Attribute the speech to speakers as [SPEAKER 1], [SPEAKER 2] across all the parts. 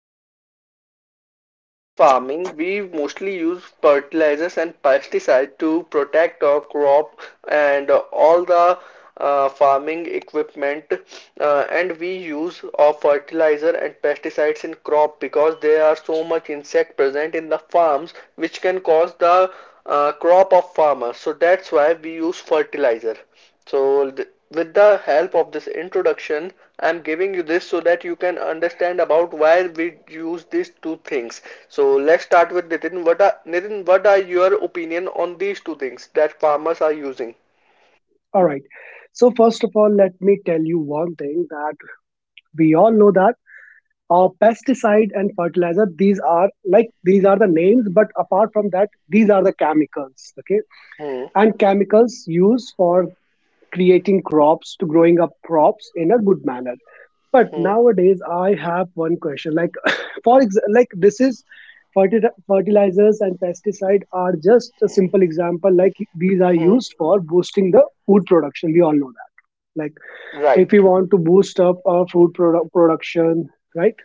[SPEAKER 1] and pesticide. You know, in farming we mostly use fertilizers and pesticide to protect our crop and all the farming equipment. And we use of fertilizer and pesticides in crop because there are so much insect present in the farms which can cause the crop of farmers, so that's why we use fertilizer. With the help of this introduction, I'm giving you this so that you can understand about why we use these two things. So let's start with Nitin. What are your opinion on these two things that farmers are using?
[SPEAKER 2] All right. So first of all, let me tell you one thing that we all know that pesticide and fertilizer these are the names, but apart from that, these are the chemicals. Okay,
[SPEAKER 1] Hmm.
[SPEAKER 2] and chemicals used for creating crops to growing up crops in a good manner. But
[SPEAKER 1] Hmm.
[SPEAKER 2] nowadays, I have one question. Like, like this is fertilizers and pesticide are just a simple example. Like these are
[SPEAKER 1] Hmm.
[SPEAKER 2] used for boosting the food production. We all know that. Like if we
[SPEAKER 1] Right,
[SPEAKER 2] want to boost up our food production, right,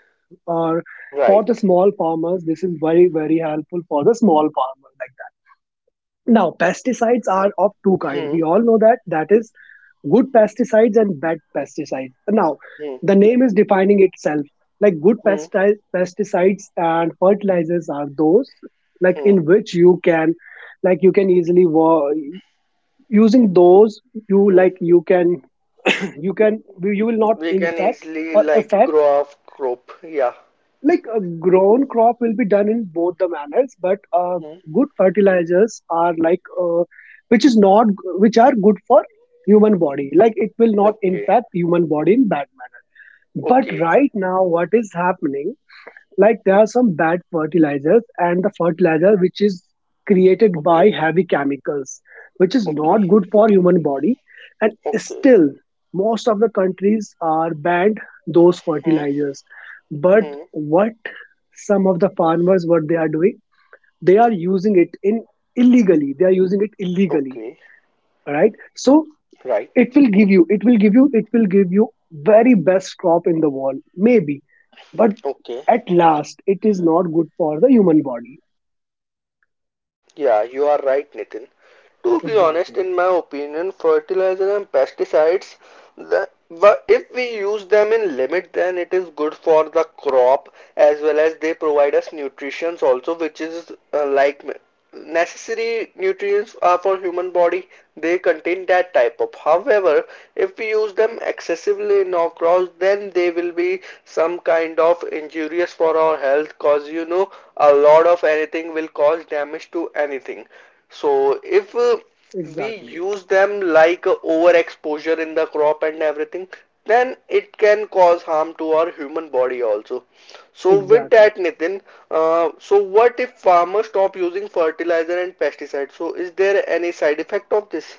[SPEAKER 2] or for
[SPEAKER 1] right.
[SPEAKER 2] the small farmers, this is very very helpful for the small farmer. Like, that now pesticides are of two kind,
[SPEAKER 1] Hmm,
[SPEAKER 2] we all know that, that is good pesticides and bad pesticides. Now
[SPEAKER 1] hmm,
[SPEAKER 2] the name is defining itself. Like good
[SPEAKER 1] hmm,
[SPEAKER 2] pesticides and fertilizers are those like
[SPEAKER 1] hmm,
[SPEAKER 2] in which you can, like you can easily using those, you,
[SPEAKER 1] hmm.
[SPEAKER 2] like you can, you can, you will not
[SPEAKER 1] We can
[SPEAKER 2] impact
[SPEAKER 1] easily
[SPEAKER 2] or
[SPEAKER 1] like
[SPEAKER 2] affect,
[SPEAKER 1] grow off crop. Yeah.
[SPEAKER 2] like a grown crop will be done in both the manners. But
[SPEAKER 1] Hmm.
[SPEAKER 2] good fertilizers are like, which is not, which are good for human body. Like it will not
[SPEAKER 1] Okay,
[SPEAKER 2] impact human body in bad manner. But
[SPEAKER 1] okay,
[SPEAKER 2] right now what is happening, like there are some bad fertilizers and the fertilizer which is created by
[SPEAKER 1] okay,
[SPEAKER 2] heavy chemicals, which is not
[SPEAKER 1] okay,
[SPEAKER 2] good for human body. And
[SPEAKER 1] okay.
[SPEAKER 2] still, most of the countries are banned those
[SPEAKER 1] Hmm,
[SPEAKER 2] fertilizers. But
[SPEAKER 1] hmm.
[SPEAKER 2] what some of the farmers what they are doing, they are using it in illegally. They are using it illegally.
[SPEAKER 1] Okay,
[SPEAKER 2] All right. So
[SPEAKER 1] right.
[SPEAKER 2] it will give you, it will give you, it will give you very best crop in the world, maybe, but
[SPEAKER 1] Okay.
[SPEAKER 2] at last it is not good for the human body.
[SPEAKER 1] Yeah, you are right, Nitin. To be honest,
[SPEAKER 2] Exactly.
[SPEAKER 1] in my opinion, fertilizer and pesticides, the, if we use them in limit, then it is good for the crop, as well as they provide us nutrients also, which is like necessary nutrients are for human body. They contain that type of. However, if we use them excessively in our crops, then they will be some kind of injurious for our health, cause you know a lot of anything will cause damage to anything. So if we
[SPEAKER 2] Exactly.
[SPEAKER 1] use them like a overexposure in the crop and everything, then it can cause harm to our human body also. So with
[SPEAKER 2] Exactly.
[SPEAKER 1] that, Nitin, so what if farmers stop using fertilizer and pesticides? So is there any side effect of this?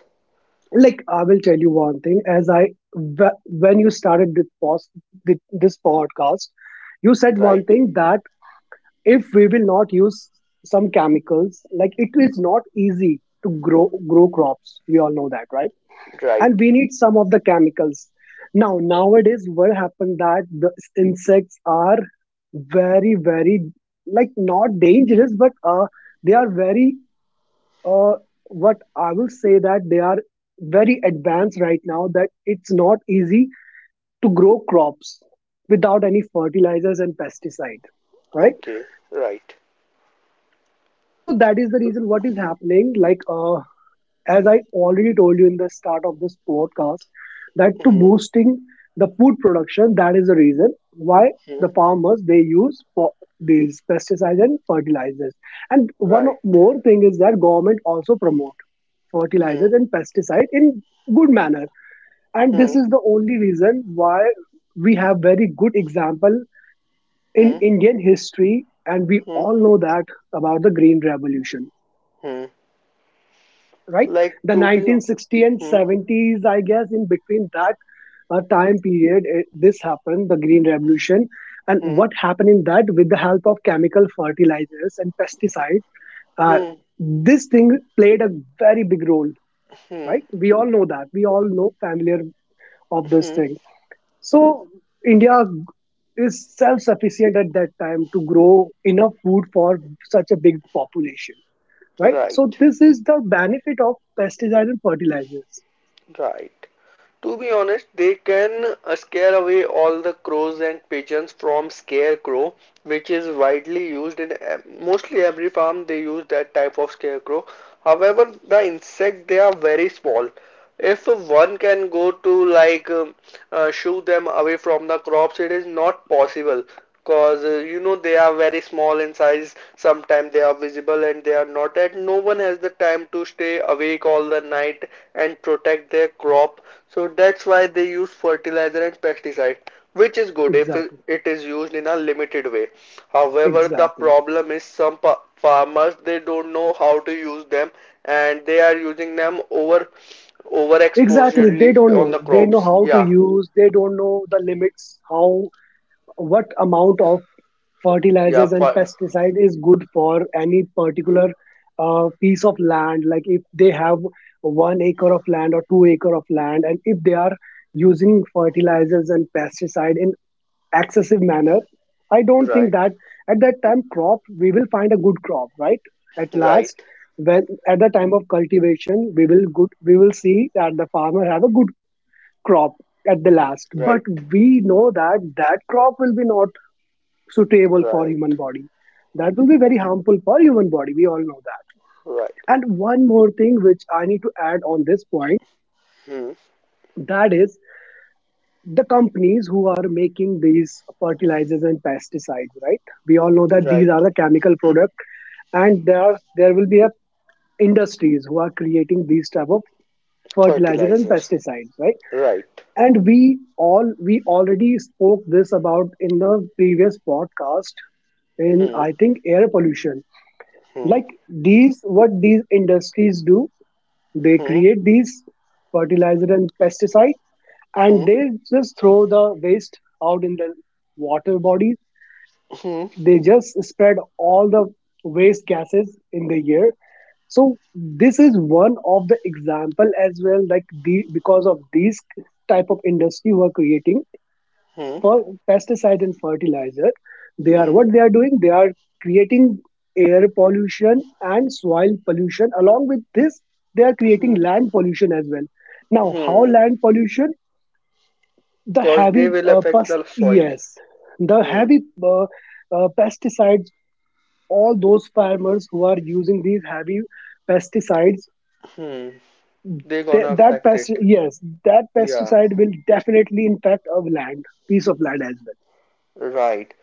[SPEAKER 2] Like, I will tell you one thing. As when you started this this podcast, you said one
[SPEAKER 1] Right,
[SPEAKER 2] thing that if we will not use some chemicals, like it is not easy to grow crops, we all know that, right? And
[SPEAKER 1] right,
[SPEAKER 2] we need some of the chemicals. Now nowadays what happened that the insects are very very, like not dangerous, but they are very, uh what I will say that they are very advanced right now, that it's not easy to grow crops without any fertilizers and pesticide, right?
[SPEAKER 1] okay, right.
[SPEAKER 2] So that is the reason what is happening. Like, as I already told you in the start of this podcast, that to
[SPEAKER 1] Hmm.
[SPEAKER 2] boosting the food production, that is the reason why the
[SPEAKER 1] Hmm.
[SPEAKER 2] farmers they use for these pesticides and fertilizers. And one
[SPEAKER 1] Right.
[SPEAKER 2] more thing is that government also promote
[SPEAKER 1] Hmm.
[SPEAKER 2] fertilizers and pesticide in good manner. And
[SPEAKER 1] Hmm.
[SPEAKER 2] this is the only reason why we have very good example in
[SPEAKER 1] Hmm.
[SPEAKER 2] Indian history, and we
[SPEAKER 1] Hmm.
[SPEAKER 2] all know that about the Green Revolution.
[SPEAKER 1] Hmm.
[SPEAKER 2] Right?
[SPEAKER 1] Like
[SPEAKER 2] The
[SPEAKER 1] to be.
[SPEAKER 2] 1960 and
[SPEAKER 1] Hmm.
[SPEAKER 2] 70s, I guess, in between that time period, it, this happened, the Green Revolution. And
[SPEAKER 1] Hmm.
[SPEAKER 2] what happened in that, with the help of chemical fertilizers and pesticides, uh,
[SPEAKER 1] Hmm.
[SPEAKER 2] this thing played a very big role,
[SPEAKER 1] Hmm.
[SPEAKER 2] right? We all know that. We all know familiar of this
[SPEAKER 1] Hmm.
[SPEAKER 2] thing. So India is self-sufficient at that time to grow enough food for such a big population, right? So
[SPEAKER 1] Right.
[SPEAKER 2] this is the benefit of pesticides and fertilizers.
[SPEAKER 1] Right. To be honest, they can scare away all the crows and pigeons from scarecrow, which is widely used in mostly every farm. They use that type of scarecrow. However, the insect they are very small. If one can go to like shoo them away from the crops, it is not possible because you know they are very small in size. Sometimes they are visible and they are not. And no one has the time to stay awake all the night and protect their crop. So that's why they use fertilizer and pesticide, which is good if
[SPEAKER 2] Exactly,
[SPEAKER 1] it is used in a limited way. However, the
[SPEAKER 2] exactly,
[SPEAKER 1] problem is some farmers, they don't know how to use them, and they are using them over
[SPEAKER 2] exactly. They
[SPEAKER 1] overexposurely
[SPEAKER 2] don't
[SPEAKER 1] on
[SPEAKER 2] know.
[SPEAKER 1] the
[SPEAKER 2] They know
[SPEAKER 1] crops.
[SPEAKER 2] how to
[SPEAKER 1] Yeah,
[SPEAKER 2] use. They don't know the limits. How, what amount of
[SPEAKER 1] yeah,
[SPEAKER 2] fertilizers and
[SPEAKER 1] fi-,
[SPEAKER 2] pesticide is good for any particular piece of land. Like if they have 1 acre of land or 2 acre of land, and if they are using fertilizers and pesticide in excessive manner, I don't think
[SPEAKER 1] right,
[SPEAKER 2] that at that time crop, we will find a good crop, right? At last,
[SPEAKER 1] right,
[SPEAKER 2] when at the time of cultivation, we will good, we will see that the farmer have a good crop at the last.
[SPEAKER 1] right,
[SPEAKER 2] But we know that that crop will be not suitable for
[SPEAKER 1] right,
[SPEAKER 2] human body. That will be very harmful for human body, we all know that.
[SPEAKER 1] right,
[SPEAKER 2] And one more thing which I need to add on this point,
[SPEAKER 1] hmm,
[SPEAKER 2] that is the companies who are making these fertilizers and pesticides, right? We all know that
[SPEAKER 1] right.
[SPEAKER 2] these are the chemical product. And there are, there will be a industries who are creating these type of fertilizer and
[SPEAKER 1] Fertilizer.
[SPEAKER 2] pesticides, right?
[SPEAKER 1] Right.
[SPEAKER 2] And we already spoke this about in the previous podcast, in
[SPEAKER 1] Hmm.
[SPEAKER 2] I think air pollution.
[SPEAKER 1] Hmm.
[SPEAKER 2] Like, these, what these industries do, they
[SPEAKER 1] Hmm.
[SPEAKER 2] create these fertilizer and pesticide, and
[SPEAKER 1] Hmm.
[SPEAKER 2] they just throw the waste out in the water bodies.
[SPEAKER 1] Hmm.
[SPEAKER 2] They just spread all the waste gases in the air. So this is one of the example as well. Like, the because of these type of industry who are creating
[SPEAKER 1] Hmm.
[SPEAKER 2] for pesticide and fertilizer, they are,
[SPEAKER 1] Hmm.
[SPEAKER 2] what they are doing, they are creating air pollution and soil pollution. Along with this, they are
[SPEAKER 1] Hmm.
[SPEAKER 2] creating land pollution as well. Now how
[SPEAKER 1] Hmm.
[SPEAKER 2] land pollution, the
[SPEAKER 1] Cause
[SPEAKER 2] heavy
[SPEAKER 1] they will affect
[SPEAKER 2] pest
[SPEAKER 1] the soil.
[SPEAKER 2] yes the
[SPEAKER 1] Hmm.
[SPEAKER 2] heavy, uh, pesticides, all those farmers who are using these heavy pesticides,
[SPEAKER 1] Hmm. They
[SPEAKER 2] they,
[SPEAKER 1] gonna affect it.
[SPEAKER 2] that
[SPEAKER 1] Yeah.
[SPEAKER 2] pesticide will definitely impact a land, piece of land as
[SPEAKER 1] Right.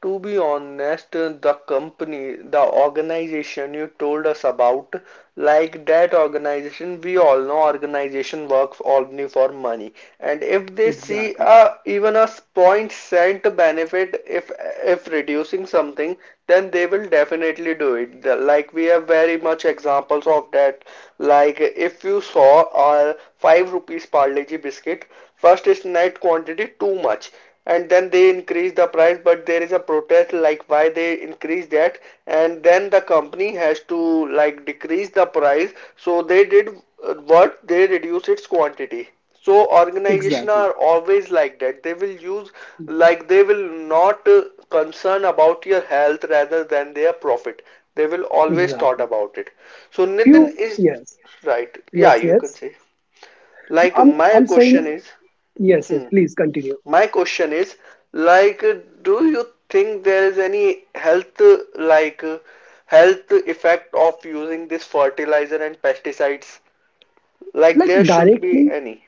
[SPEAKER 1] To be honest, the company, the organization you told us about, like that organization, we all know organization works only for money. And if
[SPEAKER 2] well.
[SPEAKER 1] they see
[SPEAKER 2] Exactly,
[SPEAKER 1] a, even a point cent benefit if reducing something, then they will definitely do it. The- Like we have very much examples of that. Like if you saw a five rupees Parle-G biscuit, first it's net quantity too much, and then they increase the price, but there is a protest like why they increase that, and then the company has to like decrease the price, so they did what they reduce its quantity. So organizations
[SPEAKER 2] exactly.
[SPEAKER 1] are always like that. They will use, like they will not concern about your health rather than their profit. They will always thought
[SPEAKER 2] Exactly.
[SPEAKER 1] about it. So Nitin
[SPEAKER 2] Few,
[SPEAKER 1] is
[SPEAKER 2] yes,
[SPEAKER 1] right,
[SPEAKER 2] yes,
[SPEAKER 1] yeah, you can
[SPEAKER 2] yes.
[SPEAKER 1] say. Like
[SPEAKER 2] I'm,
[SPEAKER 1] my
[SPEAKER 2] I'm
[SPEAKER 1] question
[SPEAKER 2] saying
[SPEAKER 1] is,
[SPEAKER 2] yes, yes.
[SPEAKER 1] hmm,
[SPEAKER 2] Please continue.
[SPEAKER 1] my question is, like, do you think there is any health, like, health effect of using this fertilizer and pesticides? Like,
[SPEAKER 2] Like
[SPEAKER 1] there should be
[SPEAKER 2] directly,
[SPEAKER 1] any.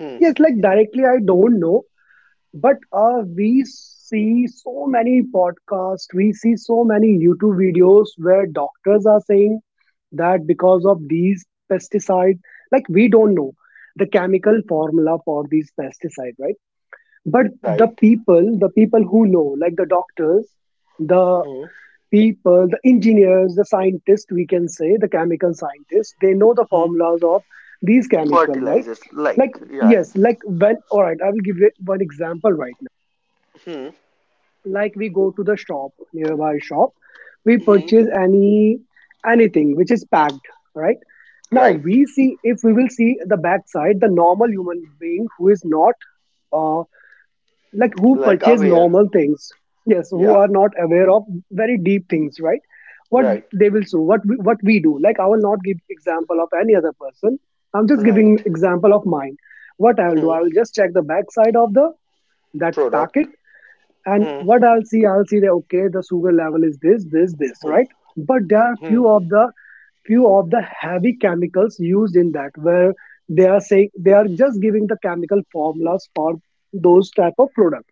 [SPEAKER 1] Hmm.
[SPEAKER 2] yes, like directly. I don't know, but we see so many podcasts. We see so many YouTube videos where doctors are saying that because of these pesticides, like we don't know the chemical formula for these pesticides, right? But the
[SPEAKER 1] Right.
[SPEAKER 2] people, the people who know, like the doctors, the
[SPEAKER 1] Hmm.
[SPEAKER 2] people, the engineers, the scientists, we can say, the chemical scientists, they know the
[SPEAKER 1] Hmm.
[SPEAKER 2] formulas of these chemical, right?
[SPEAKER 1] Fertilizers,
[SPEAKER 2] Like,
[SPEAKER 1] like, right.
[SPEAKER 2] yes, like when, all right, I will give you one example, right.
[SPEAKER 1] Hmm.
[SPEAKER 2] Like we go to the shop, nearby shop, we
[SPEAKER 1] Hmm.
[SPEAKER 2] purchase any, anything which is packed, right? Now
[SPEAKER 1] Right.
[SPEAKER 2] we see, if we will see the backside, the normal human being who is not, uh, like who
[SPEAKER 1] Like
[SPEAKER 2] purchase
[SPEAKER 1] aware.
[SPEAKER 2] normal things, yes, who
[SPEAKER 1] Yeah.
[SPEAKER 2] are not aware of very deep things, right? What
[SPEAKER 1] Right.
[SPEAKER 2] they will do, what we do, like I will not give example of any other person. I'm just
[SPEAKER 1] Right.
[SPEAKER 2] giving example of mine. What I will do,
[SPEAKER 1] Hmm.
[SPEAKER 2] I will just check the back side of the that packet.
[SPEAKER 1] Product.
[SPEAKER 2] And
[SPEAKER 1] Hmm.
[SPEAKER 2] what I'll see, I'll see that, okay, the sugar level is this, this, this,
[SPEAKER 1] Hmm.
[SPEAKER 2] right? But there are
[SPEAKER 1] Hmm.
[SPEAKER 2] few of the heavy chemicals used in that, where they are saying, they are just giving the chemical formulas for those type of products,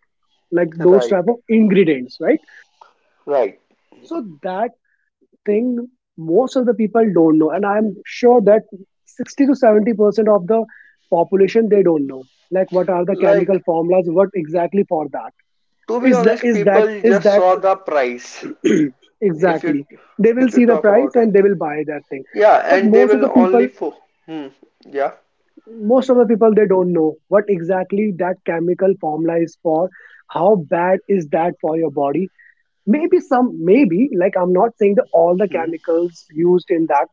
[SPEAKER 2] like those
[SPEAKER 1] Right.
[SPEAKER 2] type of ingredients, right?
[SPEAKER 1] Right.
[SPEAKER 2] So that thing most of the people don't know, and I'm sure that 60 to 70% of the population they don't know. Like, what are the chemical
[SPEAKER 1] Like,
[SPEAKER 2] formulas? What exactly for that?
[SPEAKER 1] to be
[SPEAKER 2] Is that
[SPEAKER 1] honest,
[SPEAKER 2] is that
[SPEAKER 1] people
[SPEAKER 2] is
[SPEAKER 1] just
[SPEAKER 2] that
[SPEAKER 1] saw the price. If you
[SPEAKER 2] exactly? They will
[SPEAKER 1] if you
[SPEAKER 2] see the
[SPEAKER 1] talk
[SPEAKER 2] price
[SPEAKER 1] about,
[SPEAKER 2] and
[SPEAKER 1] and
[SPEAKER 2] they will buy that thing.
[SPEAKER 1] yeah,
[SPEAKER 2] But
[SPEAKER 1] and they
[SPEAKER 2] most of
[SPEAKER 1] will
[SPEAKER 2] the
[SPEAKER 1] only
[SPEAKER 2] people,
[SPEAKER 1] for hmm, yeah,
[SPEAKER 2] most of the people, they don't know what exactly that chemical formula is for. How bad is that for your body? Maybe some, maybe, like I'm not saying that all the
[SPEAKER 1] hmm,
[SPEAKER 2] chemicals used in that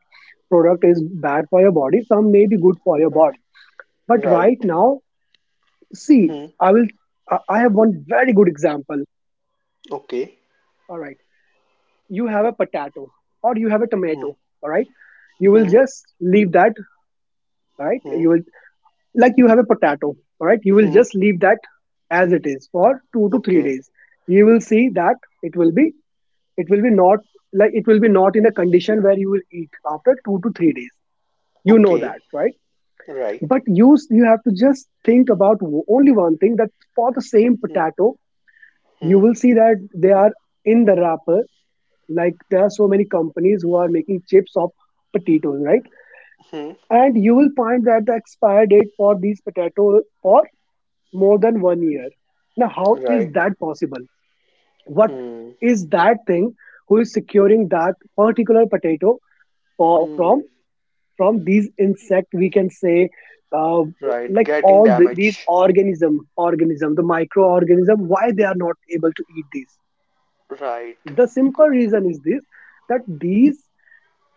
[SPEAKER 2] product is bad for your body, some may be good for your body. But right
[SPEAKER 1] right,
[SPEAKER 2] now, see,
[SPEAKER 1] hmm,
[SPEAKER 2] I will I have one very good example.
[SPEAKER 1] okay,
[SPEAKER 2] All right, you have a potato, or you have a
[SPEAKER 1] hmm,
[SPEAKER 2] tomato, all right? You will
[SPEAKER 1] hmm,
[SPEAKER 2] just leave that, right.
[SPEAKER 1] hmm,
[SPEAKER 2] You will, like, you have a potato, all right, you will
[SPEAKER 1] hmm,
[SPEAKER 2] just leave that as it is for 2 to 3
[SPEAKER 1] okay,
[SPEAKER 2] days. You will see that it will be not like it will be not in a condition where you will eat after 2 to 3 days. You know
[SPEAKER 1] okay,
[SPEAKER 2] that, right?
[SPEAKER 1] right,
[SPEAKER 2] But you have to just think about only one thing that for the same
[SPEAKER 1] hmm,
[SPEAKER 2] potato, you
[SPEAKER 1] hmm,
[SPEAKER 2] will see that they are in the wrapper, like there are so many companies who are making chips of potatoes, right?
[SPEAKER 1] hmm,
[SPEAKER 2] And you will find that the expiry date for these potatoes for more than 1 year. Now how is
[SPEAKER 1] right,
[SPEAKER 2] that possible? What
[SPEAKER 1] hmm,
[SPEAKER 2] is that thing, who is securing that particular potato for,
[SPEAKER 1] hmm,
[SPEAKER 2] from these insect we can say, uh,
[SPEAKER 1] right
[SPEAKER 2] like
[SPEAKER 1] getting
[SPEAKER 2] all the, these
[SPEAKER 1] damage,
[SPEAKER 2] organism organism, the microorganism, why they are not able to eat these?
[SPEAKER 1] right,
[SPEAKER 2] The simple reason is this, that these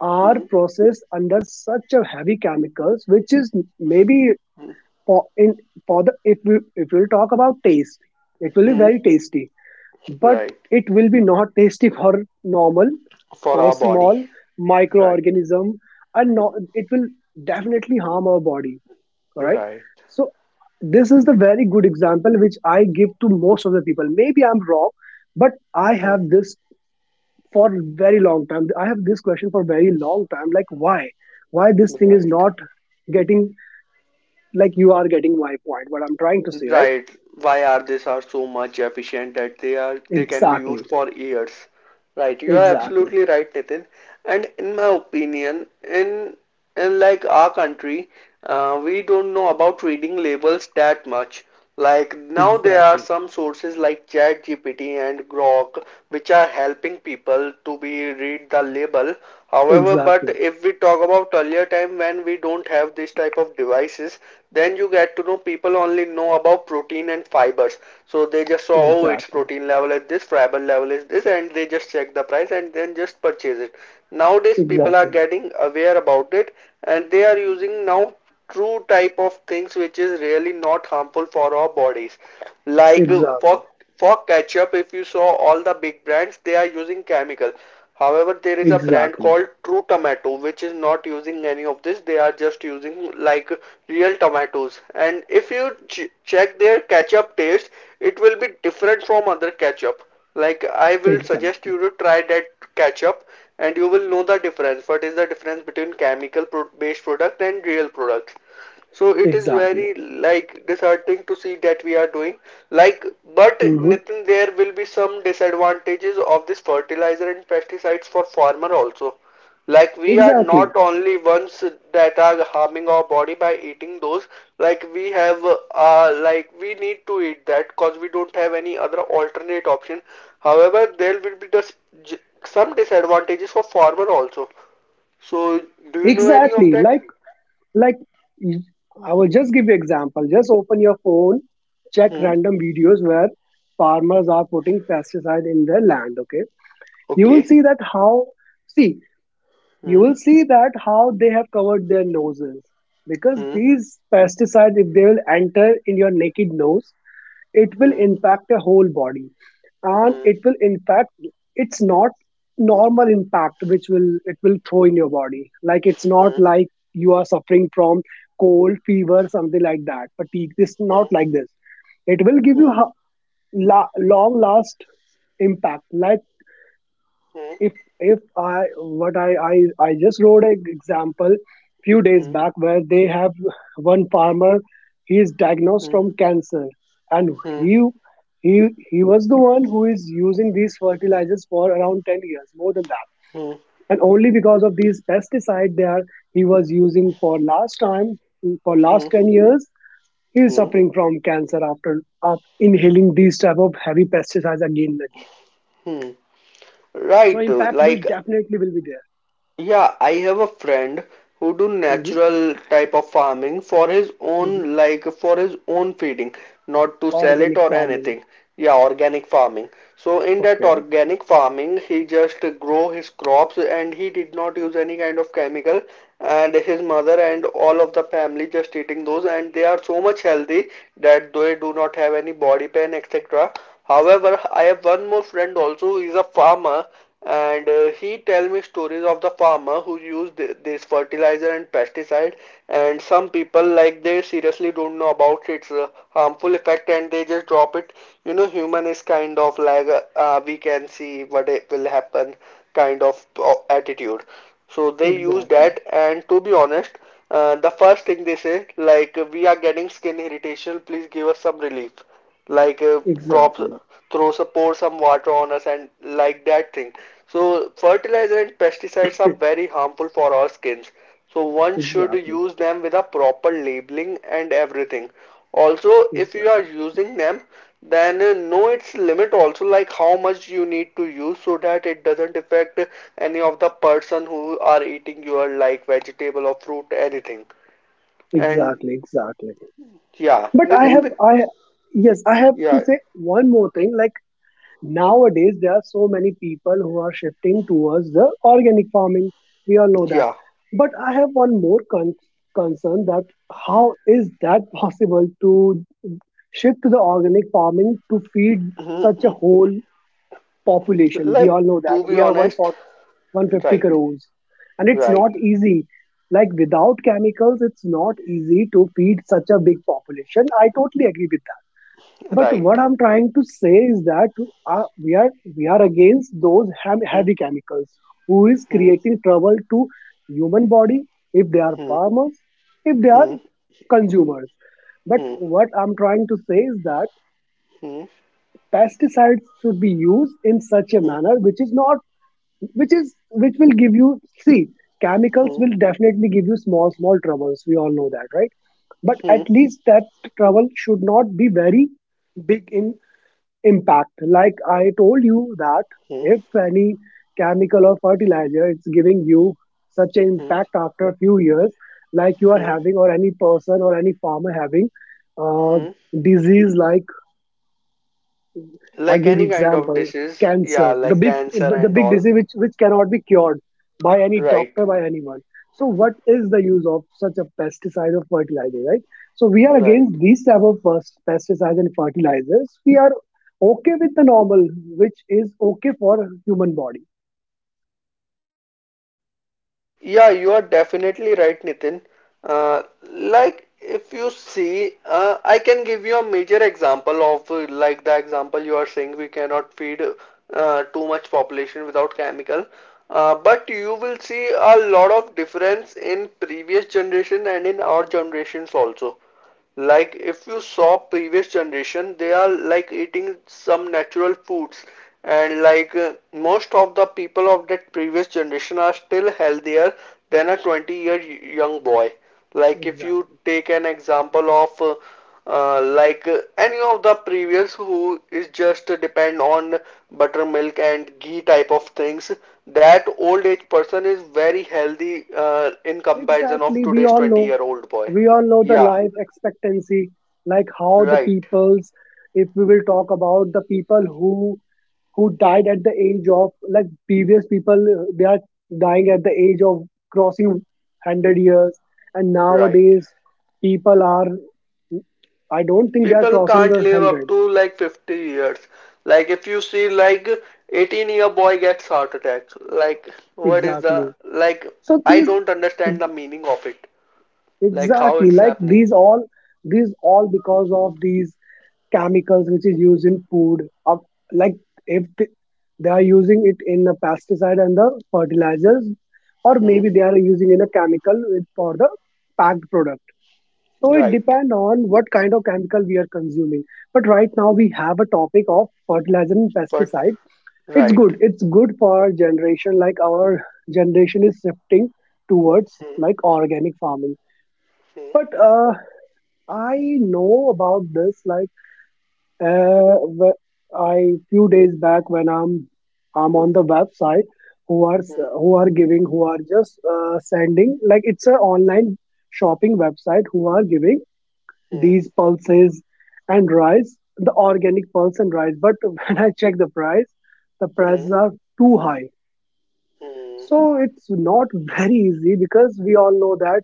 [SPEAKER 2] are
[SPEAKER 1] hmm,
[SPEAKER 2] processed under such a heavy chemicals, which is maybe
[SPEAKER 1] hmm,
[SPEAKER 2] for in for the, if we talk about taste, it will be
[SPEAKER 1] hmm,
[SPEAKER 2] very tasty, but
[SPEAKER 1] right,
[SPEAKER 2] it will be not tasty for normal,
[SPEAKER 1] for
[SPEAKER 2] for
[SPEAKER 1] our body,
[SPEAKER 2] small
[SPEAKER 1] right,
[SPEAKER 2] microorganism. And no, it will definitely harm our body, all right?
[SPEAKER 1] right,
[SPEAKER 2] So this is the very good example which I give to most of the people. Maybe I'm wrong, but I
[SPEAKER 1] hmm,
[SPEAKER 2] have this for very long time. I have this question for very long time. Like, why this thing is
[SPEAKER 1] right.
[SPEAKER 2] not getting, like, you are getting my point, what I'm trying to say, right?
[SPEAKER 1] Right. Why are these are so much efficient that they are they can be used
[SPEAKER 2] Exactly,
[SPEAKER 1] for years. Right. You are
[SPEAKER 2] exactly,
[SPEAKER 1] absolutely right, Nitin. And in my opinion, in unlike our country, we don't know about reading labels that much. Like now, there are
[SPEAKER 2] exactly,
[SPEAKER 1] some sources like ChatGPT and Grok which are helping people to be read the label. However, but
[SPEAKER 2] exactly.
[SPEAKER 1] if we talk about earlier time when we don't have this type of devices, then you get to know people only know about protein and fibers. So they just saw, oh, its
[SPEAKER 2] Exactly.
[SPEAKER 1] protein level is this, fiber level is this, and they just check the price and then just purchase it. Nowadays people are
[SPEAKER 2] Exactly.
[SPEAKER 1] getting aware about it, and they are using now true type of things which is really not harmful for our bodies. Like
[SPEAKER 2] Exactly.
[SPEAKER 1] for ketchup, if you saw all the big brands they are using chemical. However, there is a brand
[SPEAKER 2] Exactly.
[SPEAKER 1] called true tomato which is not using any of this. They are just using like real tomatoes, and if you ch- check their ketchup taste, it will be different from other ketchup. Like I will suggest
[SPEAKER 2] Exactly.
[SPEAKER 1] you to try that ketchup, and you will know the difference. What is the difference between chemical pro based product and real products? So it is
[SPEAKER 2] Exactly.
[SPEAKER 1] very like disheartening to see that we are doing. Like but
[SPEAKER 2] Hmm.
[SPEAKER 1] Nitin, there will be some disadvantages of this fertilizer and pesticides for farmer also. Like we are
[SPEAKER 2] Exactly.
[SPEAKER 1] not only ones that are harming our body by eating those. Like we have like we need to eat that because we don't have any other alternate option. However, there will be just some disadvantages for farmer also. So, do you know any of
[SPEAKER 2] Exactly.
[SPEAKER 1] that?
[SPEAKER 2] Like y- I will just give you example. Just open your phone, check
[SPEAKER 1] Hmm.
[SPEAKER 2] random videos where farmers are putting pesticide in their land. Okay. You will
[SPEAKER 1] Okay.
[SPEAKER 2] see that how. See, you
[SPEAKER 1] Hmm.
[SPEAKER 2] will see that how they have covered their noses, because
[SPEAKER 1] Hmm.
[SPEAKER 2] these pesticides, if they will enter in your naked nose, it will
[SPEAKER 1] Hmm.
[SPEAKER 2] impact your whole body, and
[SPEAKER 1] Hmm.
[SPEAKER 2] it will impact, it's not normal impact which will, it will throw in your body. Like, it's not
[SPEAKER 1] Hmm.
[SPEAKER 2] like you are suffering from cold, fever, something like that, fatigue. This not like this. It will give you
[SPEAKER 1] Hmm.
[SPEAKER 2] long last impact, like
[SPEAKER 1] Hmm.
[SPEAKER 2] if if I what I just wrote an example few
[SPEAKER 1] Hmm.
[SPEAKER 2] days
[SPEAKER 1] Hmm.
[SPEAKER 2] back where they have one farmer. He is diagnosed
[SPEAKER 1] Hmm.
[SPEAKER 2] from cancer, and
[SPEAKER 1] Hmm.
[SPEAKER 2] he he he was the one who is using these fertilizers for around 10 years, more than that. And only because of these pesticide they are, he was using for last time, for last
[SPEAKER 1] Hmm.
[SPEAKER 2] 10 years, he is
[SPEAKER 1] Hmm.
[SPEAKER 2] suffering from cancer after inhaling these type of heavy pesticides again and again.
[SPEAKER 1] Hmm.
[SPEAKER 2] So
[SPEAKER 1] Right,
[SPEAKER 2] impact will
[SPEAKER 1] like,
[SPEAKER 2] definitely will be there.
[SPEAKER 1] yeah, I have a friend who do
[SPEAKER 2] Mm-hmm.
[SPEAKER 1] natural type of farming for his
[SPEAKER 2] Hmm.
[SPEAKER 1] own, like for his own feeding, not to sell it
[SPEAKER 2] Organic
[SPEAKER 1] or
[SPEAKER 2] farming.
[SPEAKER 1] anything. Yeah, organic farming. So in that
[SPEAKER 2] Okay,
[SPEAKER 1] organic farming, he just grow his crops and he did not use any kind of chemical, and his mother and all of the family just eating those, and they are so much healthy that they do not have any body pain etc. However, I have one more friend also who is a farmer, and he tell me stories of the farmer who use th this fertilizer and pesticide, and some people like they seriously don't know about its harmful effect, and they just drop it. You know, human is kind of like we can see what it will happen kind of attitude. So they use
[SPEAKER 2] exactly,
[SPEAKER 1] that, and to be honest, the first thing they say, like we are getting skin irritation, please give us some relief, like drops,
[SPEAKER 2] exactly,
[SPEAKER 1] throws a pour some water on us and like that thing. So fertilizer and pesticides are
[SPEAKER 2] e-
[SPEAKER 1] very harmful for our skins, so one should
[SPEAKER 2] exactly,
[SPEAKER 1] use them with a proper labeling and everything. Also, if you are
[SPEAKER 2] exactly,
[SPEAKER 1] using them, then know its limit also, like how much you need to use so that it doesn't affect any of the person who are eating your like vegetable or fruit anything. And
[SPEAKER 2] exactly, exactly.
[SPEAKER 1] yeah
[SPEAKER 2] But I
[SPEAKER 1] Nitin
[SPEAKER 2] have,
[SPEAKER 1] with
[SPEAKER 2] I yes, I have to
[SPEAKER 1] yeah,
[SPEAKER 2] say one more thing. Like, nowadays, there are so many people who are shifting towards the organic farming. We all know that.
[SPEAKER 1] yeah.
[SPEAKER 2] But I have one more concern that how is that possible to shift to the organic farming to feed
[SPEAKER 1] Mhm.
[SPEAKER 2] such a whole population? We all
[SPEAKER 1] Like,
[SPEAKER 2] know that
[SPEAKER 1] to
[SPEAKER 2] we
[SPEAKER 1] be
[SPEAKER 2] are one
[SPEAKER 1] honest,
[SPEAKER 2] 150
[SPEAKER 1] right,
[SPEAKER 2] crores. And it's
[SPEAKER 1] right,
[SPEAKER 2] not easy. Like, without chemicals, it's not easy to feed such a big population. I totally agree with that. But
[SPEAKER 1] right.
[SPEAKER 2] what I'm trying to say is that uh, we are we are against those
[SPEAKER 1] Hmm,
[SPEAKER 2] heavy chemicals who is
[SPEAKER 1] hmm,
[SPEAKER 2] creating trouble to human body, if they are
[SPEAKER 1] hmm,
[SPEAKER 2] farmers, if they are
[SPEAKER 1] hmm,
[SPEAKER 2] consumers. But
[SPEAKER 1] hmm,
[SPEAKER 2] what I'm trying to say is that
[SPEAKER 1] hmm,
[SPEAKER 2] pesticides should be used in such a
[SPEAKER 1] hmm, hmm,
[SPEAKER 2] manner which is not which is which will give you, see, chemicals
[SPEAKER 1] hmm,
[SPEAKER 2] will definitely give you small troubles, we all know that, right? But at least that trouble should not be very big in impact, like I told you that
[SPEAKER 1] hmm,
[SPEAKER 2] if any chemical or fertilizer it's giving you such an
[SPEAKER 1] hmm,
[SPEAKER 2] impact after a few years, like you are
[SPEAKER 1] hmm,
[SPEAKER 2] having, or any person or any farmer having, uh,
[SPEAKER 1] hmm.
[SPEAKER 2] disease, like, I
[SPEAKER 1] Like
[SPEAKER 2] give
[SPEAKER 1] any kind of
[SPEAKER 2] example,
[SPEAKER 1] disease, yeah,
[SPEAKER 2] cancer, the
[SPEAKER 1] like
[SPEAKER 2] big
[SPEAKER 1] cancer
[SPEAKER 2] the
[SPEAKER 1] and
[SPEAKER 2] big
[SPEAKER 1] all.
[SPEAKER 2] disease which cannot be cured by any
[SPEAKER 1] Right,
[SPEAKER 2] doctor, by anyone. So what is the use of such a pesticide or fertilizer, right? So we are
[SPEAKER 1] right.
[SPEAKER 2] against these type of pesticides and fertilizers. We are okay with the normal, which is okay for human body.
[SPEAKER 1] Yeah, you are definitely right, Nitin. Uh, like if you see, I can give you a major example of like the example you are saying we cannot feed too much population without chemical. But you will see a lot of difference in previous generation and in our generations also. Like if you saw previous generation, they are like eating some natural foods, and like most of the people of that previous generation are still healthier than a 20-year young boy. Like if you
[SPEAKER 2] Exactly.
[SPEAKER 1] take an example of like any of the previous who is just depend on buttermilk and ghee type of things, that old age person is very healthy in comparison of
[SPEAKER 2] Exactly, we
[SPEAKER 1] today's
[SPEAKER 2] all
[SPEAKER 1] 20
[SPEAKER 2] know.
[SPEAKER 1] year old boy.
[SPEAKER 2] We all know the
[SPEAKER 1] Yeah.
[SPEAKER 2] life expectancy, like how the
[SPEAKER 1] Right,
[SPEAKER 2] peoples, if we will talk about the people who died at the age of like previous people, they are dying at the age of crossing 100 years, and
[SPEAKER 1] right.
[SPEAKER 2] nowadays people are, I don't think they are
[SPEAKER 1] People
[SPEAKER 2] crossing
[SPEAKER 1] can't
[SPEAKER 2] the
[SPEAKER 1] live up
[SPEAKER 2] 100.
[SPEAKER 1] to like 50 years. Like if you see like 18-year boy gets heart attack. Like what is the
[SPEAKER 2] Exactly.
[SPEAKER 1] like
[SPEAKER 2] So
[SPEAKER 1] I
[SPEAKER 2] these,
[SPEAKER 1] don't understand the meaning of it. Like how
[SPEAKER 2] exactly,
[SPEAKER 1] it's
[SPEAKER 2] like
[SPEAKER 1] happening.
[SPEAKER 2] these all because of these chemicals which is used in food of, like, if they are using it in a pesticide and the fertilizers, or
[SPEAKER 1] Hmm.
[SPEAKER 2] maybe they are using in a chemical for the packed product. So it
[SPEAKER 1] Right.
[SPEAKER 2] depends on what kind of chemical we are consuming. But right now we have a topic of fertilizer and
[SPEAKER 1] But
[SPEAKER 2] pesticide. it's
[SPEAKER 1] right.
[SPEAKER 2] good it's good for our generation. Like, our generation is shifting towards,
[SPEAKER 1] Hmm.
[SPEAKER 2] like, organic farming.
[SPEAKER 1] Hmm.
[SPEAKER 2] But I know about this. Like, uh, wh- I few days back when I'm on the website who are
[SPEAKER 1] Hmm.
[SPEAKER 2] who are giving, who are just sending, like, it's an online shopping website who are giving
[SPEAKER 1] Hmm.
[SPEAKER 2] these pulses and rice, the organic pulse and rice. But when I check the price, the
[SPEAKER 1] Hmm.
[SPEAKER 2] prices are too high.
[SPEAKER 1] Hmm.
[SPEAKER 2] So it's not very easy, because we all know that,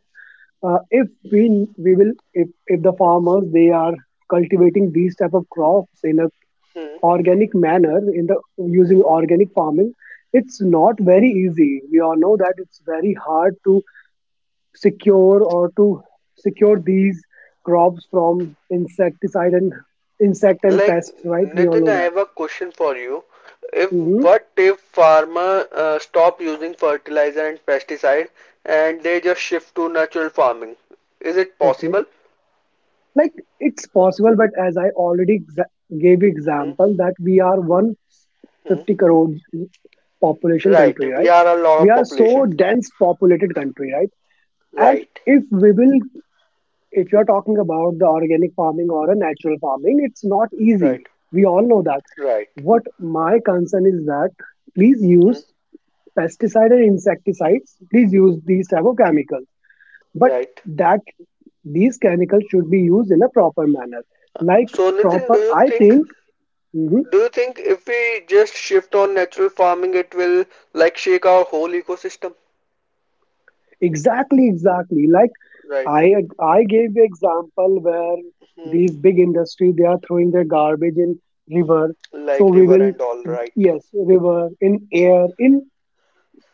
[SPEAKER 2] if we will if the farmers they are cultivating these type of crops in a
[SPEAKER 1] Hmm.
[SPEAKER 2] organic manner, in the using
[SPEAKER 1] Hmm.
[SPEAKER 2] organic farming, it's not very easy. We all know that. It's very hard to secure or to secure these crops from insecticide and insect and
[SPEAKER 1] Like
[SPEAKER 2] pests, right? We all
[SPEAKER 1] Nitin,
[SPEAKER 2] know
[SPEAKER 1] I
[SPEAKER 2] that.
[SPEAKER 1] have a question for you. If
[SPEAKER 2] Hmm.
[SPEAKER 1] what if farmer stop using fertilizer and pesticide and they just shift to natural farming? Is it
[SPEAKER 2] Okay.
[SPEAKER 1] possible?
[SPEAKER 2] Like, it's possible, but as I already gave
[SPEAKER 1] Hmm.
[SPEAKER 2] example that we are
[SPEAKER 1] Hmm.
[SPEAKER 2] 150 crore population
[SPEAKER 1] Right,
[SPEAKER 2] country,
[SPEAKER 1] we
[SPEAKER 2] right?
[SPEAKER 1] are a lot
[SPEAKER 2] We
[SPEAKER 1] of
[SPEAKER 2] are so
[SPEAKER 1] population.
[SPEAKER 2] dense populated country, right? And
[SPEAKER 1] Right,
[SPEAKER 2] if we will if you're talking about the organic farming or a natural farming, it's not
[SPEAKER 1] right,
[SPEAKER 2] easy. We all know that.
[SPEAKER 1] right,
[SPEAKER 2] What my concern is that please
[SPEAKER 1] hmm,
[SPEAKER 2] use pesticide and insecticides. Please use these type of chemicals, but
[SPEAKER 1] right.
[SPEAKER 2] that these chemicals should be used in a proper manner. Like,
[SPEAKER 1] So Nitin,
[SPEAKER 2] proper, I think. Mhm.
[SPEAKER 1] do you think if we just shift on natural farming, it will like shake our whole ecosystem?
[SPEAKER 2] Exactly, exactly. Like,
[SPEAKER 1] Right.
[SPEAKER 2] I I gave the example where
[SPEAKER 1] Hmm.
[SPEAKER 2] these big industry they are throwing their garbage in river. So
[SPEAKER 1] Like
[SPEAKER 2] we
[SPEAKER 1] river
[SPEAKER 2] will,
[SPEAKER 1] and all, right,
[SPEAKER 2] yes, river, in air, in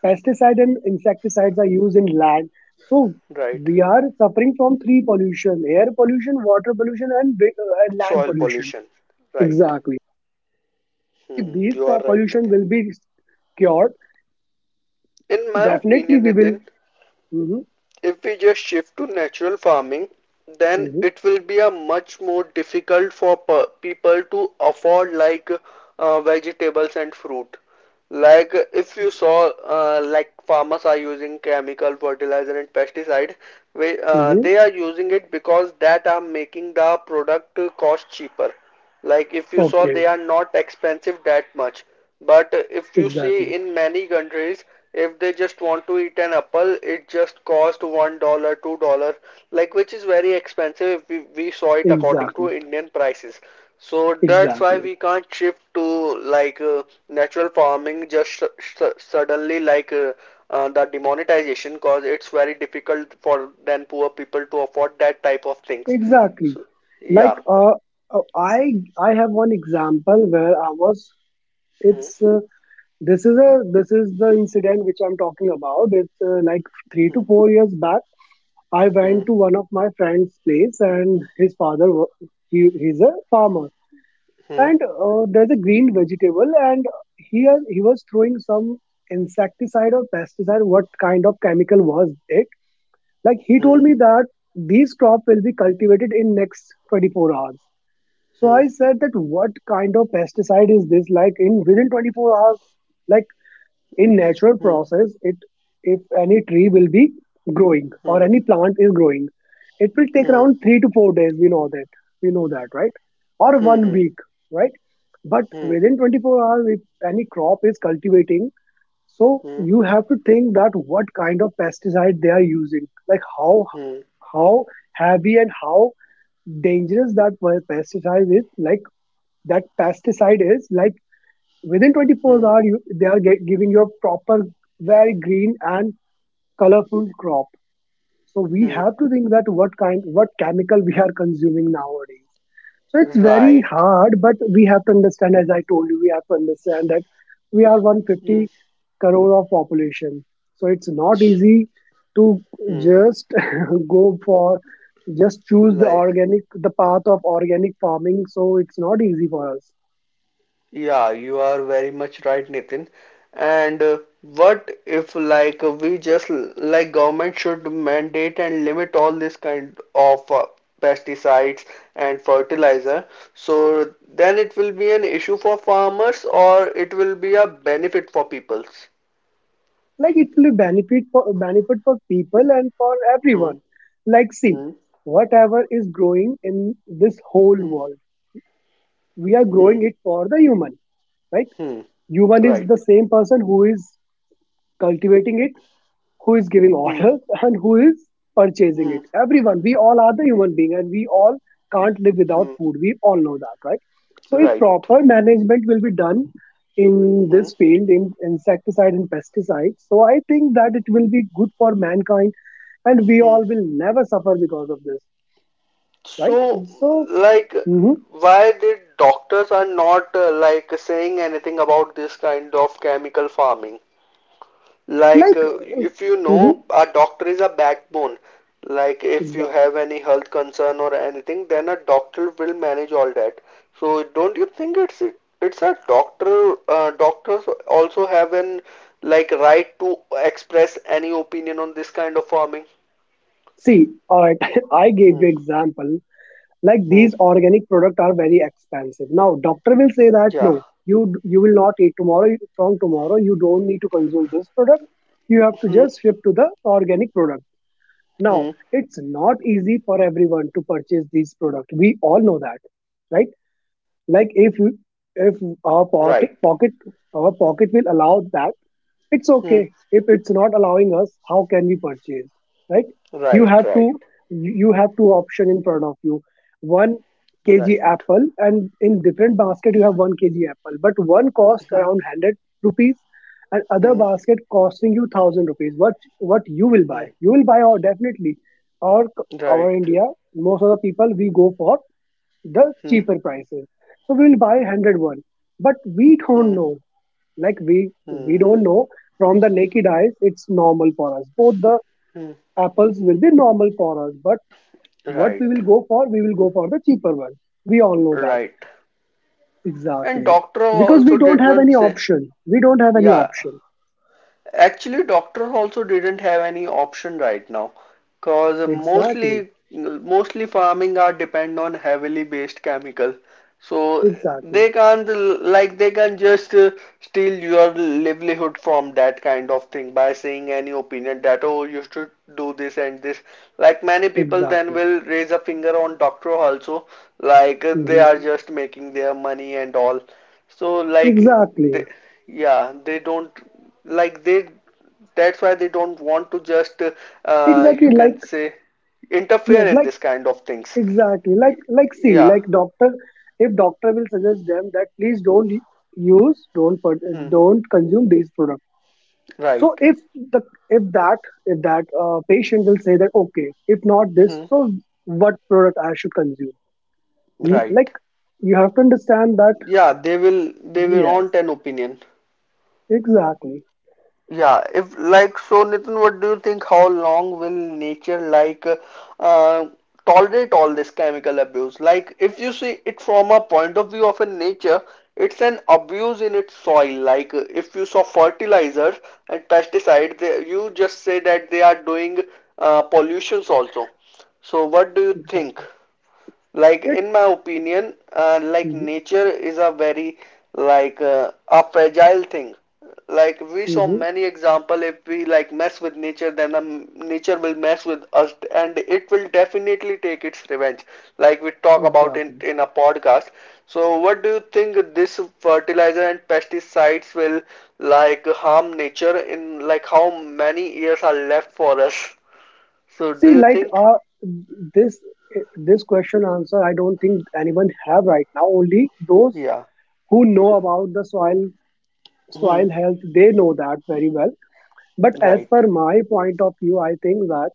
[SPEAKER 2] pesticide and insecticides are used in land. So
[SPEAKER 1] right.
[SPEAKER 2] we are suffering from three pollution: air pollution, water pollution, and land
[SPEAKER 1] Soil
[SPEAKER 2] pollution.
[SPEAKER 1] pollution, right?
[SPEAKER 2] Exactly. So if
[SPEAKER 1] Hmm,
[SPEAKER 2] these
[SPEAKER 1] you are right,
[SPEAKER 2] pollution
[SPEAKER 1] Nitin.
[SPEAKER 2] will be cured,
[SPEAKER 1] In my
[SPEAKER 2] definitely
[SPEAKER 1] opinion,
[SPEAKER 2] we will.
[SPEAKER 1] Nitin,
[SPEAKER 2] Hmm.
[SPEAKER 1] if we just shift to natural farming, then
[SPEAKER 2] Hmm.
[SPEAKER 1] it will be a much more difficult for per people to afford like vegetables and fruit. Like if you saw, like farmers are using chemical fertilizer and pesticide,
[SPEAKER 2] Hmm.
[SPEAKER 1] they are using it because that are making the product cost cheaper. Like if you saw, they
[SPEAKER 2] Okay.
[SPEAKER 1] are not expensive that much. But if you see
[SPEAKER 2] Exactly.
[SPEAKER 1] in many countries, if they just want to eat an apple, it just cost $1, $2, like which is very expensive if we saw it according to
[SPEAKER 2] Exactly.
[SPEAKER 1] Indian prices. So that's why
[SPEAKER 2] Exactly.
[SPEAKER 1] we can't shift to like natural farming just suddenly like the demonetization because it's very difficult for then poor people to afford that type of things.
[SPEAKER 2] Exactly.
[SPEAKER 1] So yeah.
[SPEAKER 2] Like uh, I I have one example where I was.
[SPEAKER 1] Hmm.
[SPEAKER 2] It's this is the incident which I'm talking about. It's like 3 to 4 years back. I
[SPEAKER 1] Hmm.
[SPEAKER 2] went to one of my friend's place, and his father he's a farmer,
[SPEAKER 1] Hmm.
[SPEAKER 2] and there's a green vegetable, and he was throwing some insecticide or pesticide. What kind of chemical was it? Like he
[SPEAKER 1] Hmm.
[SPEAKER 2] told me that these crop will be cultivated in next 24 hours. So
[SPEAKER 1] Hmm.
[SPEAKER 2] I said that what kind of pesticide is this? Like, in within 24 hours, like in natural
[SPEAKER 1] Hmm.
[SPEAKER 2] process, it if any tree will be growing or
[SPEAKER 1] Hmm.
[SPEAKER 2] any plant is growing, it will take
[SPEAKER 1] Hmm.
[SPEAKER 2] around 3 to 4 days. We know that. We know that, right? Or
[SPEAKER 1] Hmm.
[SPEAKER 2] one
[SPEAKER 1] Hmm.
[SPEAKER 2] week, right? But
[SPEAKER 1] Hmm.
[SPEAKER 2] within 24 hours, if any crop is cultivating, so you have to think that what kind of pesticide they are using, like how
[SPEAKER 1] Hmm.
[SPEAKER 2] how heavy and how dangerous that pesticide is like that pesticide is like within 24
[SPEAKER 1] Hmm.
[SPEAKER 2] hours they are giving you a proper, very green and colorful crop. So we
[SPEAKER 1] Hmm.
[SPEAKER 2] have to think that what chemical we are consuming nowadays. So it's very
[SPEAKER 1] Right.
[SPEAKER 2] hard, but we have to understand, as I told you, we have to understand that we are 150
[SPEAKER 1] Hmm.
[SPEAKER 2] crore of population. So it's not easy to
[SPEAKER 1] Hmm.
[SPEAKER 2] just go for just choose
[SPEAKER 1] Like,
[SPEAKER 2] the path of organic farming. So it's not easy for us.
[SPEAKER 1] yeah, you are very much right, Nitin. And what if, like, we just like government should mandate and limit all this kind of pesticides and fertilizer? So then it will be an issue for farmers, or it will be a benefit for peoples.
[SPEAKER 2] Like, it will be benefit for people and for
[SPEAKER 1] Hmm.
[SPEAKER 2] everyone. Like, see,
[SPEAKER 1] Hmm.
[SPEAKER 2] whatever is growing in this whole
[SPEAKER 1] Hmm.
[SPEAKER 2] world, we are
[SPEAKER 1] Hmm.
[SPEAKER 2] growing it for the human, right?
[SPEAKER 1] Hmm.
[SPEAKER 2] Human is
[SPEAKER 1] Right.
[SPEAKER 2] the same person who is cultivating it, who is giving
[SPEAKER 1] Hmm.
[SPEAKER 2] orders and who is purchasing
[SPEAKER 1] Hmm.
[SPEAKER 2] it. Everyone, we all are the human being, and we all can't live without
[SPEAKER 1] Hmm.
[SPEAKER 2] food, we all know that, right? So if
[SPEAKER 1] Right.
[SPEAKER 2] proper management will be done in
[SPEAKER 1] Hmm.
[SPEAKER 2] this field, in insecticide and pesticides, so I think that it will be good for mankind and we
[SPEAKER 1] Hmm.
[SPEAKER 2] all will never suffer because of this. Right.
[SPEAKER 1] So,
[SPEAKER 2] So
[SPEAKER 1] like,
[SPEAKER 2] mhm,
[SPEAKER 1] why did doctors are not like saying anything about this kind of chemical farming? Like,
[SPEAKER 2] like,
[SPEAKER 1] if you
[SPEAKER 2] mhm,
[SPEAKER 1] know, a doctor is a backbone. Like, if you
[SPEAKER 2] exactly,
[SPEAKER 1] have any health concern or anything, then a doctor will manage all that. So, don't you think it's a doctor? Doctors also have an like right to express any opinion on this kind of farming.
[SPEAKER 2] see, all right, I
[SPEAKER 1] Hmm.
[SPEAKER 2] gave you example. Like,
[SPEAKER 1] Hmm.
[SPEAKER 2] these organic products are very expensive. Now doctor will say that no,
[SPEAKER 1] Yeah.
[SPEAKER 2] you will not eat tomorrow, from tomorrow you don't need to consume this product, you have to
[SPEAKER 1] Hmm.
[SPEAKER 2] just shift to the organic product. Now
[SPEAKER 1] Hmm.
[SPEAKER 2] it's not easy for everyone to purchase these products, we all know that, right? Like, if our pocket
[SPEAKER 1] Right.
[SPEAKER 2] pocket our pocket will allow that, it's
[SPEAKER 1] Hmm.
[SPEAKER 2] okay. If it's not allowing us, how can we purchase? Right? You
[SPEAKER 1] Right.
[SPEAKER 2] have to
[SPEAKER 1] Right.
[SPEAKER 2] you have two option in front of you. 1 kg
[SPEAKER 1] Right.
[SPEAKER 2] apple, and in different
[SPEAKER 1] Hmm.
[SPEAKER 2] basket you have 1 kg apple, but one cost
[SPEAKER 1] Hmm.
[SPEAKER 2] around 100 rupees and other
[SPEAKER 1] Hmm.
[SPEAKER 2] basket costing you 1,000 rupees. What you will buy?
[SPEAKER 1] Hmm.
[SPEAKER 2] You will buy, or definitely, or our
[SPEAKER 1] Right.
[SPEAKER 2] India, most of the people we go for the
[SPEAKER 1] Hmm.
[SPEAKER 2] cheaper prices. So we'll buy 101, but we don't
[SPEAKER 1] Hmm.
[SPEAKER 2] know. Like, we
[SPEAKER 1] Hmm.
[SPEAKER 2] don't know from the naked eyes. It's normal for us. Both the
[SPEAKER 1] Hmm.
[SPEAKER 2] apples will be normal for us. But what we
[SPEAKER 1] Right.
[SPEAKER 2] will go for, we will go for the cheaper one. We all know that.
[SPEAKER 1] Right. And
[SPEAKER 2] Exactly,
[SPEAKER 1] doctor
[SPEAKER 2] because
[SPEAKER 1] also
[SPEAKER 2] we don't
[SPEAKER 1] did
[SPEAKER 2] have
[SPEAKER 1] not
[SPEAKER 2] any
[SPEAKER 1] say,
[SPEAKER 2] option. We don't have any
[SPEAKER 1] yeah,
[SPEAKER 2] option.
[SPEAKER 1] actually doctor also didn't have any option right now because
[SPEAKER 2] Exactly,
[SPEAKER 1] mostly farming are depend on heavily based chemical, so
[SPEAKER 2] exactly,
[SPEAKER 1] they can't like they can just steal your livelihood from that kind of thing by saying any opinion that oh you should do this and this. Like many people then
[SPEAKER 2] exactly.
[SPEAKER 1] will raise a finger on doctor also like they are
[SPEAKER 2] Mhm.
[SPEAKER 1] just making their money and all. So like they
[SPEAKER 2] Exactly,
[SPEAKER 1] yeah they don't like they that's why they don't want to just
[SPEAKER 2] exactly.
[SPEAKER 1] you
[SPEAKER 2] Like,
[SPEAKER 1] can say interfere
[SPEAKER 2] yes,
[SPEAKER 1] in
[SPEAKER 2] like,
[SPEAKER 1] this kind of things.
[SPEAKER 2] exactly, like
[SPEAKER 1] Y-
[SPEAKER 2] like see,
[SPEAKER 1] Yeah.
[SPEAKER 2] like, doctor, if doctor will suggest them that please don't use, don't
[SPEAKER 1] Hmm.
[SPEAKER 2] don't consume these products. So
[SPEAKER 1] Right.
[SPEAKER 2] the if that if that patient will say that okay, if not this,
[SPEAKER 1] Hmm.
[SPEAKER 2] so what product I should consume. Mm, like,
[SPEAKER 1] Right.
[SPEAKER 2] you have to understand that,
[SPEAKER 1] Yeah, they will
[SPEAKER 2] yes,
[SPEAKER 1] want an opinion.
[SPEAKER 2] exactly,
[SPEAKER 1] Yeah, if like so, Nitin, what do you think? How long will nature like uh, tolerate all this chemical abuse? Like, if you see it from a point of view of a nature, it's an abuse in its soil. Like, if you saw fertilizers and pesticides, they, you just say that they are doing pollutions also. So, what do you think?
[SPEAKER 2] exactly.
[SPEAKER 1] Like
[SPEAKER 2] It,
[SPEAKER 1] in my opinion like
[SPEAKER 2] hmm,
[SPEAKER 1] nature is a very like a fragile thing. Like we saw
[SPEAKER 2] hmm,
[SPEAKER 1] many example, if we like mess with nature then nature will mess with us and it will definitely take its revenge, like we talk about in
[SPEAKER 2] exactly,
[SPEAKER 1] a podcast. So what do you think this fertilizer and pesticides will like harm nature in like how many years are left for us, so
[SPEAKER 2] see,
[SPEAKER 1] do you
[SPEAKER 2] like
[SPEAKER 1] think?
[SPEAKER 2] this eh, this question answer I don't think anyone have right now, only those
[SPEAKER 1] Yeah.
[SPEAKER 2] who know about the soil
[SPEAKER 1] Hmm.
[SPEAKER 2] soil health, they know that very well. But as
[SPEAKER 1] Right.
[SPEAKER 2] per my point of view I think that,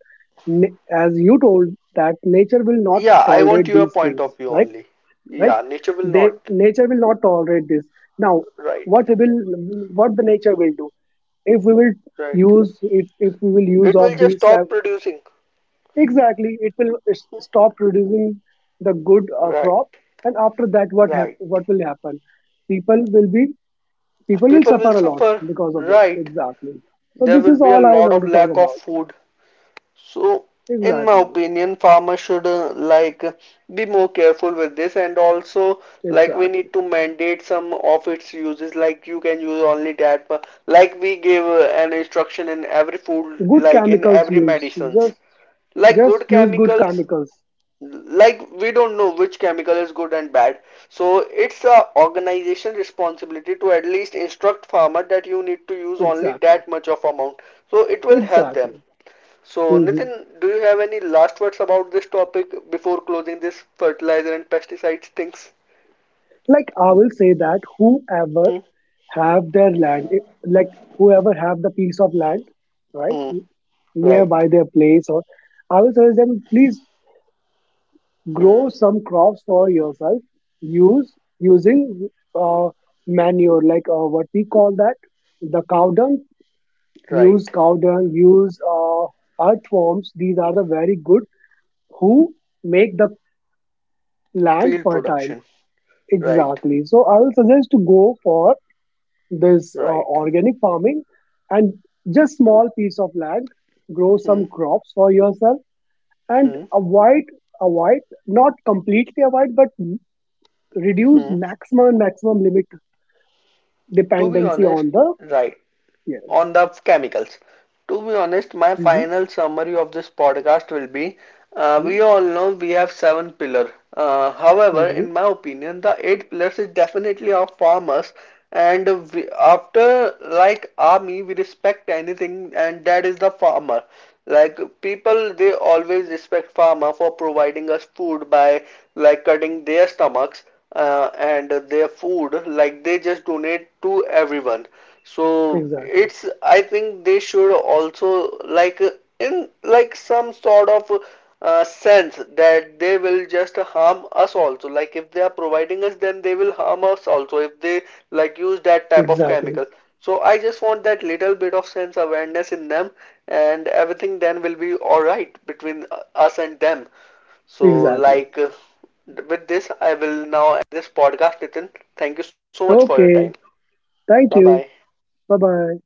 [SPEAKER 2] na- as you told that nature will not
[SPEAKER 1] Yeah, I want
[SPEAKER 2] tolerate
[SPEAKER 1] your
[SPEAKER 2] these
[SPEAKER 1] point
[SPEAKER 2] things,
[SPEAKER 1] of view
[SPEAKER 2] right.
[SPEAKER 1] only.
[SPEAKER 2] Right.
[SPEAKER 1] Yeah, nature will
[SPEAKER 2] they
[SPEAKER 1] not.
[SPEAKER 2] Nature will not tolerate this now.
[SPEAKER 1] Right,
[SPEAKER 2] what will what the nature will do, if we will
[SPEAKER 1] right.
[SPEAKER 2] use if we will use
[SPEAKER 1] It will
[SPEAKER 2] of
[SPEAKER 1] just
[SPEAKER 2] these
[SPEAKER 1] stop
[SPEAKER 2] type?
[SPEAKER 1] producing.
[SPEAKER 2] Exactly, it will stop producing the good
[SPEAKER 1] Right,
[SPEAKER 2] crop. And after that
[SPEAKER 1] right.
[SPEAKER 2] what will happen? People will be people will
[SPEAKER 1] People will
[SPEAKER 2] suffer a lot
[SPEAKER 1] suffer.
[SPEAKER 2] because of this.
[SPEAKER 1] Right.
[SPEAKER 2] Exactly. So
[SPEAKER 1] There
[SPEAKER 2] this
[SPEAKER 1] will
[SPEAKER 2] is
[SPEAKER 1] be a
[SPEAKER 2] all I
[SPEAKER 1] lot
[SPEAKER 2] want
[SPEAKER 1] of
[SPEAKER 2] to
[SPEAKER 1] lack
[SPEAKER 2] talk
[SPEAKER 1] of
[SPEAKER 2] about.
[SPEAKER 1] food. So, in my
[SPEAKER 2] Exactly,
[SPEAKER 1] opinion, farmers should like be more careful with this, and also like we
[SPEAKER 2] exactly.
[SPEAKER 1] need to mandate some of its uses. Like you can use only that, but like we give an instruction in every food,
[SPEAKER 2] Good
[SPEAKER 1] like in
[SPEAKER 2] chemicals
[SPEAKER 1] every
[SPEAKER 2] use,
[SPEAKER 1] medicines
[SPEAKER 2] just
[SPEAKER 1] like
[SPEAKER 2] just
[SPEAKER 1] good
[SPEAKER 2] use good
[SPEAKER 1] chemicals,
[SPEAKER 2] chemicals.
[SPEAKER 1] like we don't know which chemical is good and bad. So it's a organization responsibility to at least instruct farmer that you need to use only
[SPEAKER 2] Exactly,
[SPEAKER 1] that much of amount, so it will help them.
[SPEAKER 2] exactly.
[SPEAKER 1] So Nitin,
[SPEAKER 2] Mhm.
[SPEAKER 1] do you have any last words about this topic before closing this fertilizer and pesticides things?
[SPEAKER 2] Like, I will say that whoever
[SPEAKER 1] Hmm.
[SPEAKER 2] have their land, like, whoever have the piece of land, right,
[SPEAKER 1] Hmm.
[SPEAKER 2] nearby
[SPEAKER 1] Right.
[SPEAKER 2] their place, or I will suggest them please
[SPEAKER 1] Hmm.
[SPEAKER 2] grow some crops for yourself. Use Using uh, manure, like, what we call that, the cow dung, use
[SPEAKER 1] Right.
[SPEAKER 2] cow dung, use earthworms. These are the very good who make the land
[SPEAKER 1] Field
[SPEAKER 2] fertile.
[SPEAKER 1] production. Right.
[SPEAKER 2] Exactly. So I will suggest to go for this
[SPEAKER 1] Right.
[SPEAKER 2] organic farming and just small piece of land, grow
[SPEAKER 1] Hmm.
[SPEAKER 2] some crops for yourself, and
[SPEAKER 1] Hmm.
[SPEAKER 2] avoid not completely, avoid but reduce
[SPEAKER 1] Hmm.
[SPEAKER 2] maximum and maximum limit
[SPEAKER 1] To be
[SPEAKER 2] dependency
[SPEAKER 1] honest.
[SPEAKER 2] on the,
[SPEAKER 1] Right.
[SPEAKER 2] yeah,
[SPEAKER 1] On the chemicals. To be honest, my
[SPEAKER 2] mm-hmm.
[SPEAKER 1] final summary of this podcast will be we all know we have seven pillars. However,
[SPEAKER 2] Mm-hmm.
[SPEAKER 1] in my opinion, the eight pillars is definitely of farmers. And we, after like army, we respect anything, and that is the farmer. Like people, they always respect farmer for providing us food by like cutting their stomachs and their food. Like they just donate to everyone. So
[SPEAKER 2] Exactly,
[SPEAKER 1] it's I think they should also like in like some sort of sense that they will just harm us also. Like if they are providing us, then they will harm us also if they like use that type of
[SPEAKER 2] exactly,
[SPEAKER 1] chemical. So I just want that little bit of sense awareness in them, and everything then will be all right between us and them. So,
[SPEAKER 2] exactly.
[SPEAKER 1] like, with this, I will now end this podcast, Nitin. Thank you so much for your time.
[SPEAKER 2] Okay.
[SPEAKER 1] Bye
[SPEAKER 2] Thank
[SPEAKER 1] bye.
[SPEAKER 2] you. Bye bye.